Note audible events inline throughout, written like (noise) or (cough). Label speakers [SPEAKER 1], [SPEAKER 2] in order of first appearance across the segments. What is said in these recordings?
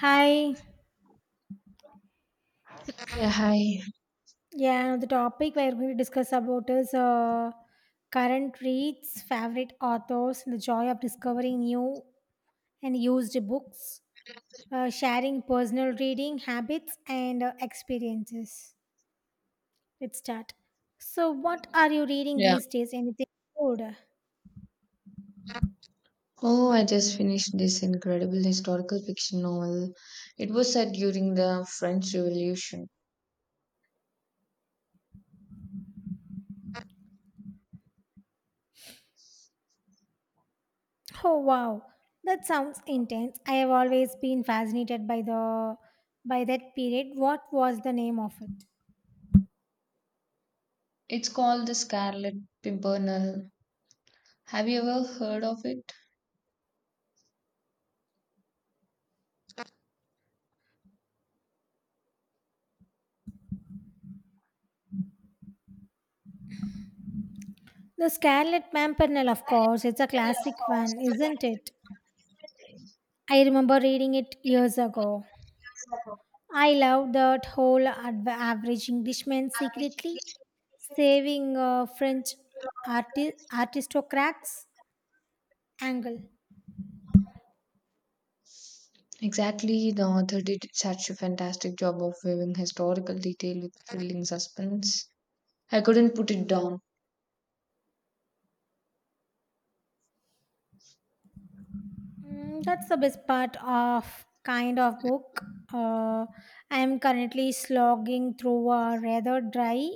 [SPEAKER 1] Hi.
[SPEAKER 2] Yeah, hi.
[SPEAKER 1] Yeah, the topic we're going to discuss about is current reads, favorite authors, and the joy of discovering new and used books, sharing personal reading habits and experiences. Let's start. So, what are you reading
[SPEAKER 2] Yeah.
[SPEAKER 1] these days? Anything good?
[SPEAKER 2] Oh, I just finished this incredible historical fiction novel. It was set during the French Revolution.
[SPEAKER 1] Oh wow, that sounds intense. I have always been fascinated by the by that period. What was the name of it?
[SPEAKER 2] It's called The Scarlet Pimpernel. Have you ever heard of it?
[SPEAKER 1] The Scarlet Pimpernel, of course, it's a classic one, isn't it? I remember reading it years ago. I love that whole average Englishman secretly saving French aristocrats angle.
[SPEAKER 2] Exactly. The author did such a fantastic job of weaving historical detail with thrilling suspense. I couldn't put it down.
[SPEAKER 1] Mm, that's the best part of kind of book. Uh, I am currently slogging through a rather dry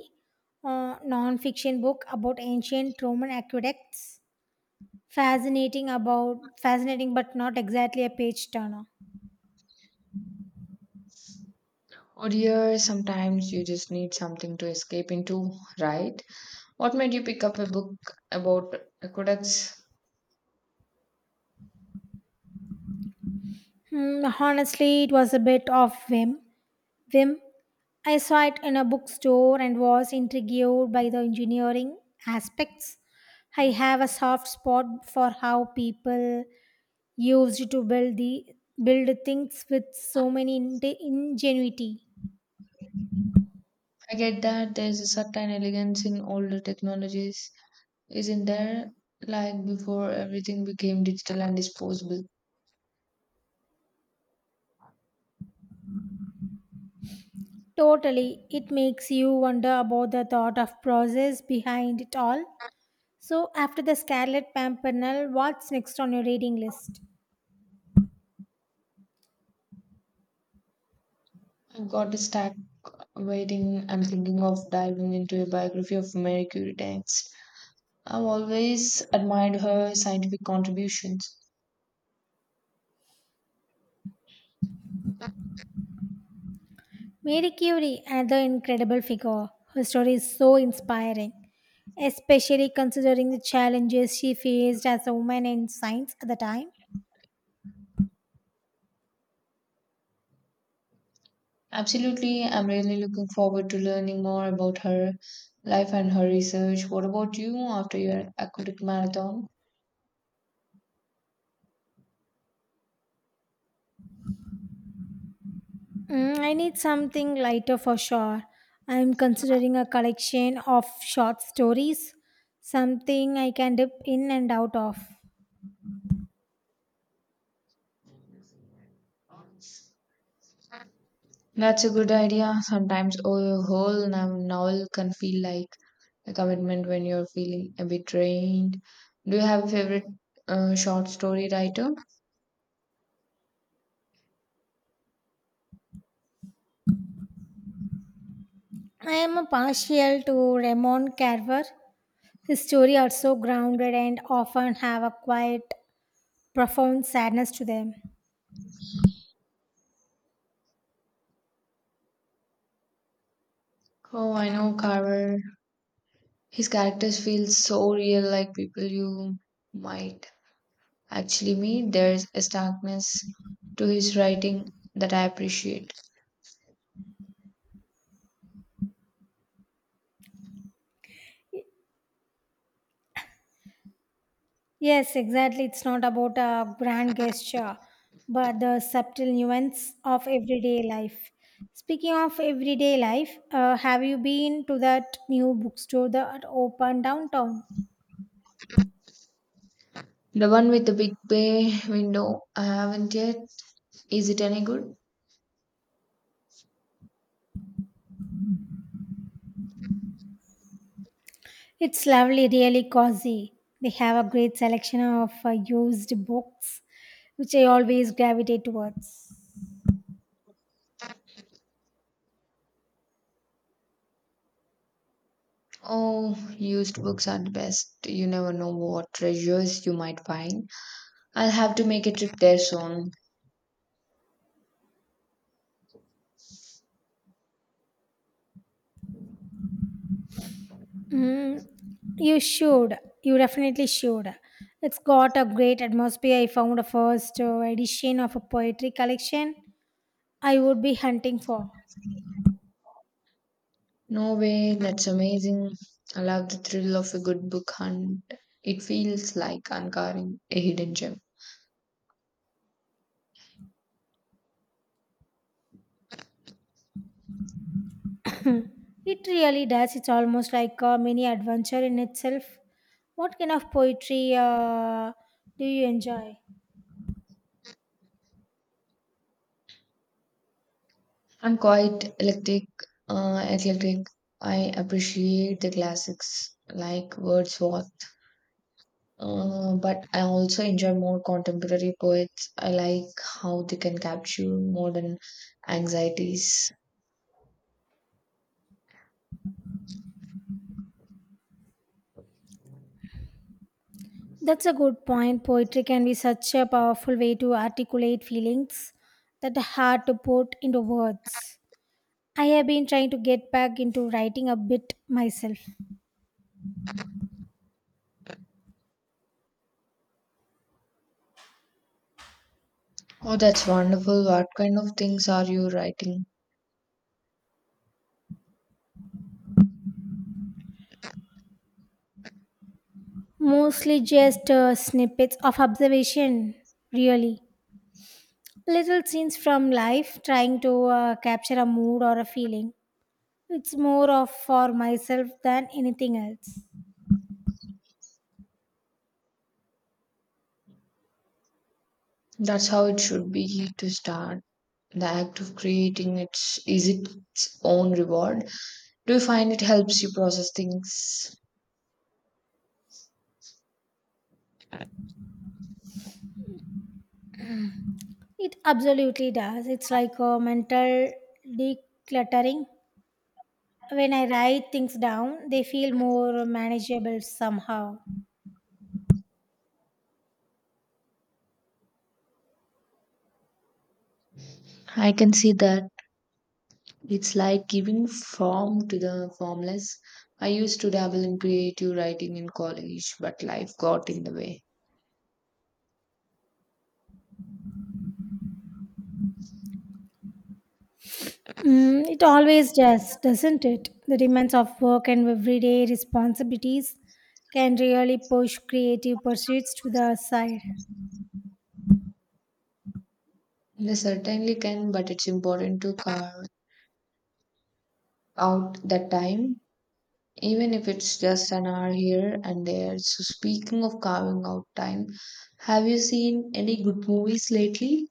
[SPEAKER 1] non-fiction book about ancient Roman aqueducts. Fascinating, but not exactly a page turner.
[SPEAKER 2] Or here, sometimes you just need something to escape into, right? What made you pick up a book about aqueducts?
[SPEAKER 1] Hmm, honestly, it was a bit of whim. Whim. I saw it in a bookstore and was intrigued by the engineering aspects. I have a soft spot for how people used to build the build things with so
[SPEAKER 2] I
[SPEAKER 1] many ingenuity.
[SPEAKER 2] get that there's a certain elegance in older technologies, isn't there? Like before everything became digital and disposable.
[SPEAKER 1] Totally, it makes you wonder about the thought of process behind it all. So, after the Scarlet Pimpernel, what's next on your reading list?
[SPEAKER 2] I've got a stack waiting. I'm thinking of diving into a biography of Mary Curie next. I've always admired her scientific contributions.
[SPEAKER 1] Mary Curie, another incredible figure. Her story is so inspiring, especially considering the challenges she faced as a woman in science at the time.
[SPEAKER 2] Absolutely, I'm really looking forward to learning more about her life and her research. What about you after your aquatic marathon?
[SPEAKER 1] Mm, I need something lighter for sure. I'm considering a collection of short stories, something I can dip in and out of.
[SPEAKER 2] That's a good idea. Sometimes a whole novel can feel like a commitment when you're feeling a bit drained. Do you have a favorite short story writer?
[SPEAKER 1] I am a partial to Ramon Carver. His story are so grounded and often have a quiet profound sadness to them.
[SPEAKER 2] Oh, I know Carver. His characters feel so real, like people you might actually meet. There's a starkness to his writing that I appreciate.
[SPEAKER 1] Yes, exactly. It's not about a grand gesture, but the subtle nuance of everyday life. Speaking of everyday life, have you been to that new bookstore that opened downtown?
[SPEAKER 2] The one with the big bay window. I haven't yet. Is it any good?
[SPEAKER 1] It's lovely, really cozy. They have a great selection of used books, which I always gravitate towards.
[SPEAKER 2] Oh, used books are the best. You never know what treasures you might find. I'll have to make a trip there soon.
[SPEAKER 1] Mm, you should. You definitely should. It's got a great atmosphere. I found a first edition of a poetry collection I would be hunting for.
[SPEAKER 2] No way, that's amazing. I love the thrill of a good book hunt. It feels like uncovering a hidden gem.
[SPEAKER 1] (laughs) Hmm. It really does. It's almost like a mini adventure in itself. What kind of poetry do you enjoy?
[SPEAKER 2] I'm quite eclectic, eclectic. I appreciate the classics like Wordsworth. But I also enjoy more contemporary poets. I like how they can capture modern anxieties.
[SPEAKER 1] That's a good point. Poetry can be such a powerful way to articulate feelings that are hard to put into words. I have been trying to get back into writing a bit myself.
[SPEAKER 2] Oh, that's wonderful. What kind of things are you writing?
[SPEAKER 1] Mostly just snippets of observation, really. Little scenes from life trying to capture a mood or a feeling. It's more of for myself than anything else.
[SPEAKER 2] That's how it should be to start. The act of creating, it's is its own reward. Do you find it helps you process things?
[SPEAKER 1] It absolutely does. It's like a mental decluttering. When I write things down, they feel more manageable somehow.
[SPEAKER 2] I can see that it's like giving form to the formless. I used to dabble in creative writing in college, but life got in the way.
[SPEAKER 1] Mm, it always does, doesn't it? The demands of work and everyday responsibilities can really push creative pursuits to the side.
[SPEAKER 2] They certainly can, but it's important to carve out that time, even if it's just an hour here and there. So, speaking of carving out time, have you seen any good movies lately?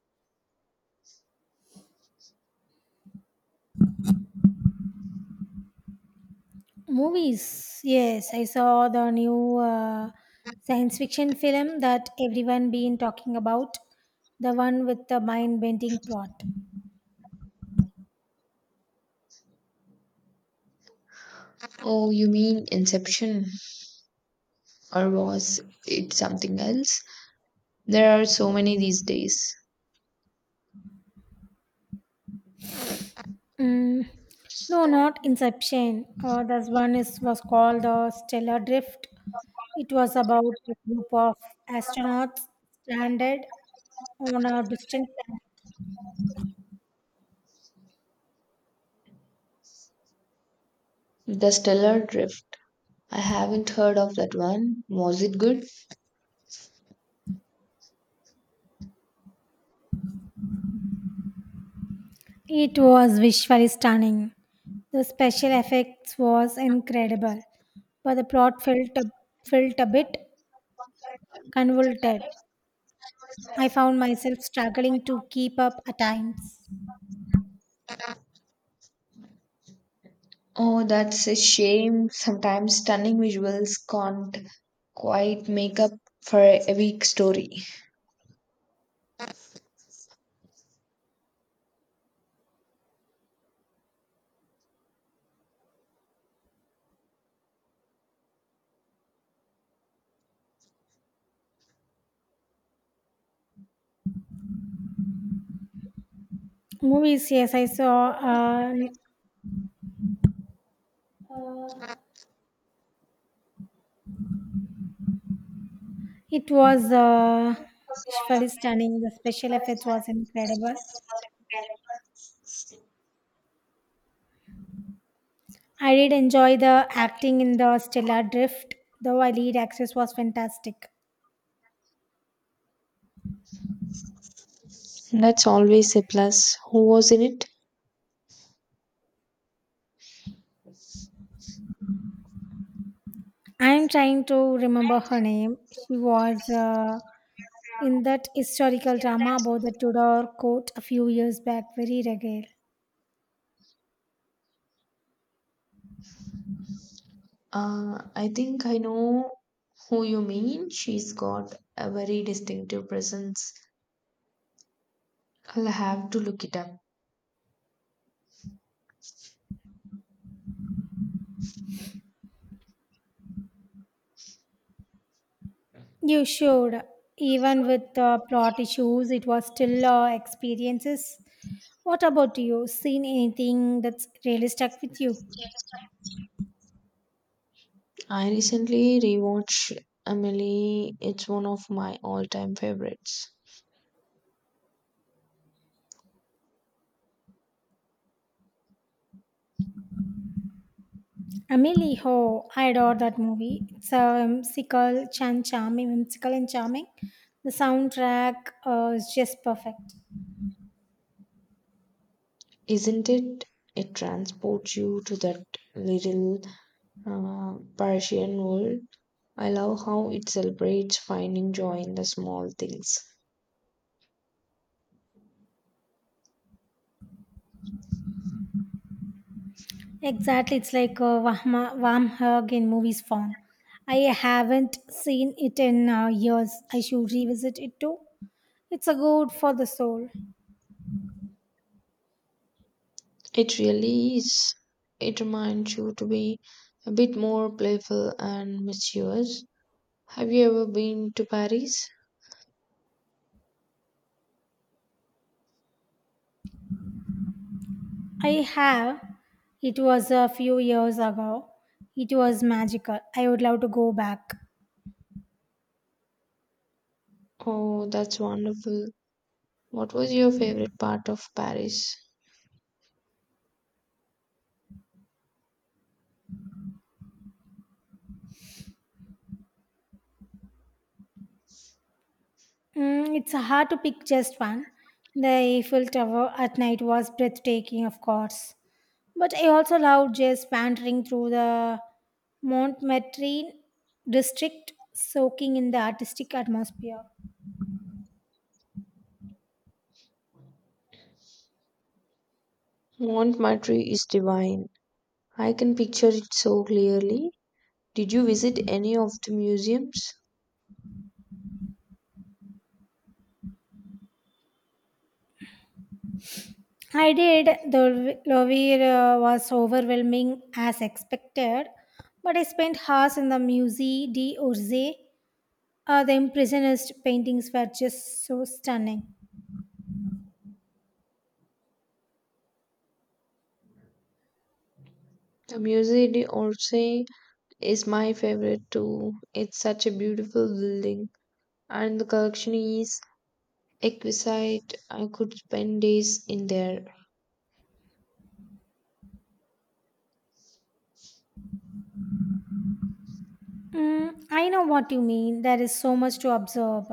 [SPEAKER 1] Movies, yes, I saw the new science fiction film that everyone been talking about, the one with the mind-bending plot.
[SPEAKER 2] Oh, you mean Inception, or was it something else? There are so many these days.
[SPEAKER 1] Mm, no, not Inception. This one is was called the Stellar Drift. It was about a group of astronauts stranded on a distant planet.
[SPEAKER 2] The Stellar Drift. I haven't heard of that one. Was it good?
[SPEAKER 1] It was visually stunning. The special effects was incredible, but the plot felt a, felt a bit convoluted. I found myself struggling to keep up at times.
[SPEAKER 2] Oh, that's a shame. Sometimes stunning visuals can't quite make up for a weak story.
[SPEAKER 1] Movies, yes, I saw. It was visually stunning. The special effects was incredible. I did enjoy the acting in the Stellar Drift, though our lead actress was fantastic.
[SPEAKER 2] That's always a plus. Who was in it?
[SPEAKER 1] I am trying to remember her name. She was in that historical drama about the Tudor court a few years back. Very regal.
[SPEAKER 2] I think I know who you mean. She's got a very distinctive presence. I'll have to look it up.
[SPEAKER 1] You should. Even with the plot issues, it was still experiences. What about you? Seen anything that's really stuck with you?
[SPEAKER 2] I recently rewatched Emily. It's one of my all-time favorites.
[SPEAKER 1] Amelie Ho, I adore that movie. It's a whimsical and charming. The soundtrack is just perfect.
[SPEAKER 2] Isn't it? It transports you to that little Parisian world. I love how it celebrates finding joy in the small things.
[SPEAKER 1] Exactly, it's like a warm hug in movies form. I haven't seen it in years. I should revisit it too. It's a good for the soul.
[SPEAKER 2] It really is. It reminds you to be a bit more playful and mischievous. Have you ever been to Paris?
[SPEAKER 1] I have. It was a few years ago. It was magical. I would love to go back.
[SPEAKER 2] Oh, that's wonderful. What was your favorite part of Paris?
[SPEAKER 1] Mm, it's hard to pick just one. The Eiffel Tower at night was breathtaking, of course. But I also loved just wandering through the Montmartre district, soaking in the artistic atmosphere.
[SPEAKER 2] Montmartre is divine. I can picture it so clearly. Did you visit any of the museums?
[SPEAKER 1] I did. The Louvre was overwhelming as expected, but I spent hours in the Musée d'Orsay. The Impressionist paintings were just so stunning.
[SPEAKER 2] The Musée d'Orsay is my favorite too. It's such a beautiful building, and the collection is exquisite. I could spend days in there.
[SPEAKER 1] Mm, I know what you mean. There is so much to observe.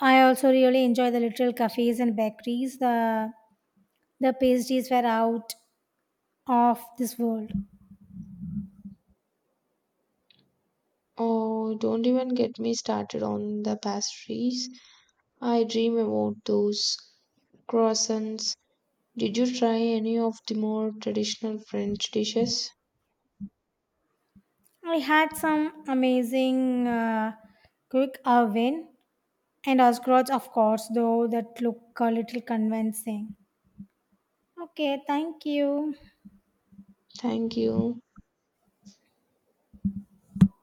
[SPEAKER 1] I also really enjoy the little cafes and bakeries. The pastries were out of this world.
[SPEAKER 2] Oh, don't even get me started on the pastries. I dream about those croissants. Did you try any of the more traditional French dishes?
[SPEAKER 1] I had some amazing quick oven and Osgrots, of course, though that look a little convincing. Okay, thank you.
[SPEAKER 2] Thank you.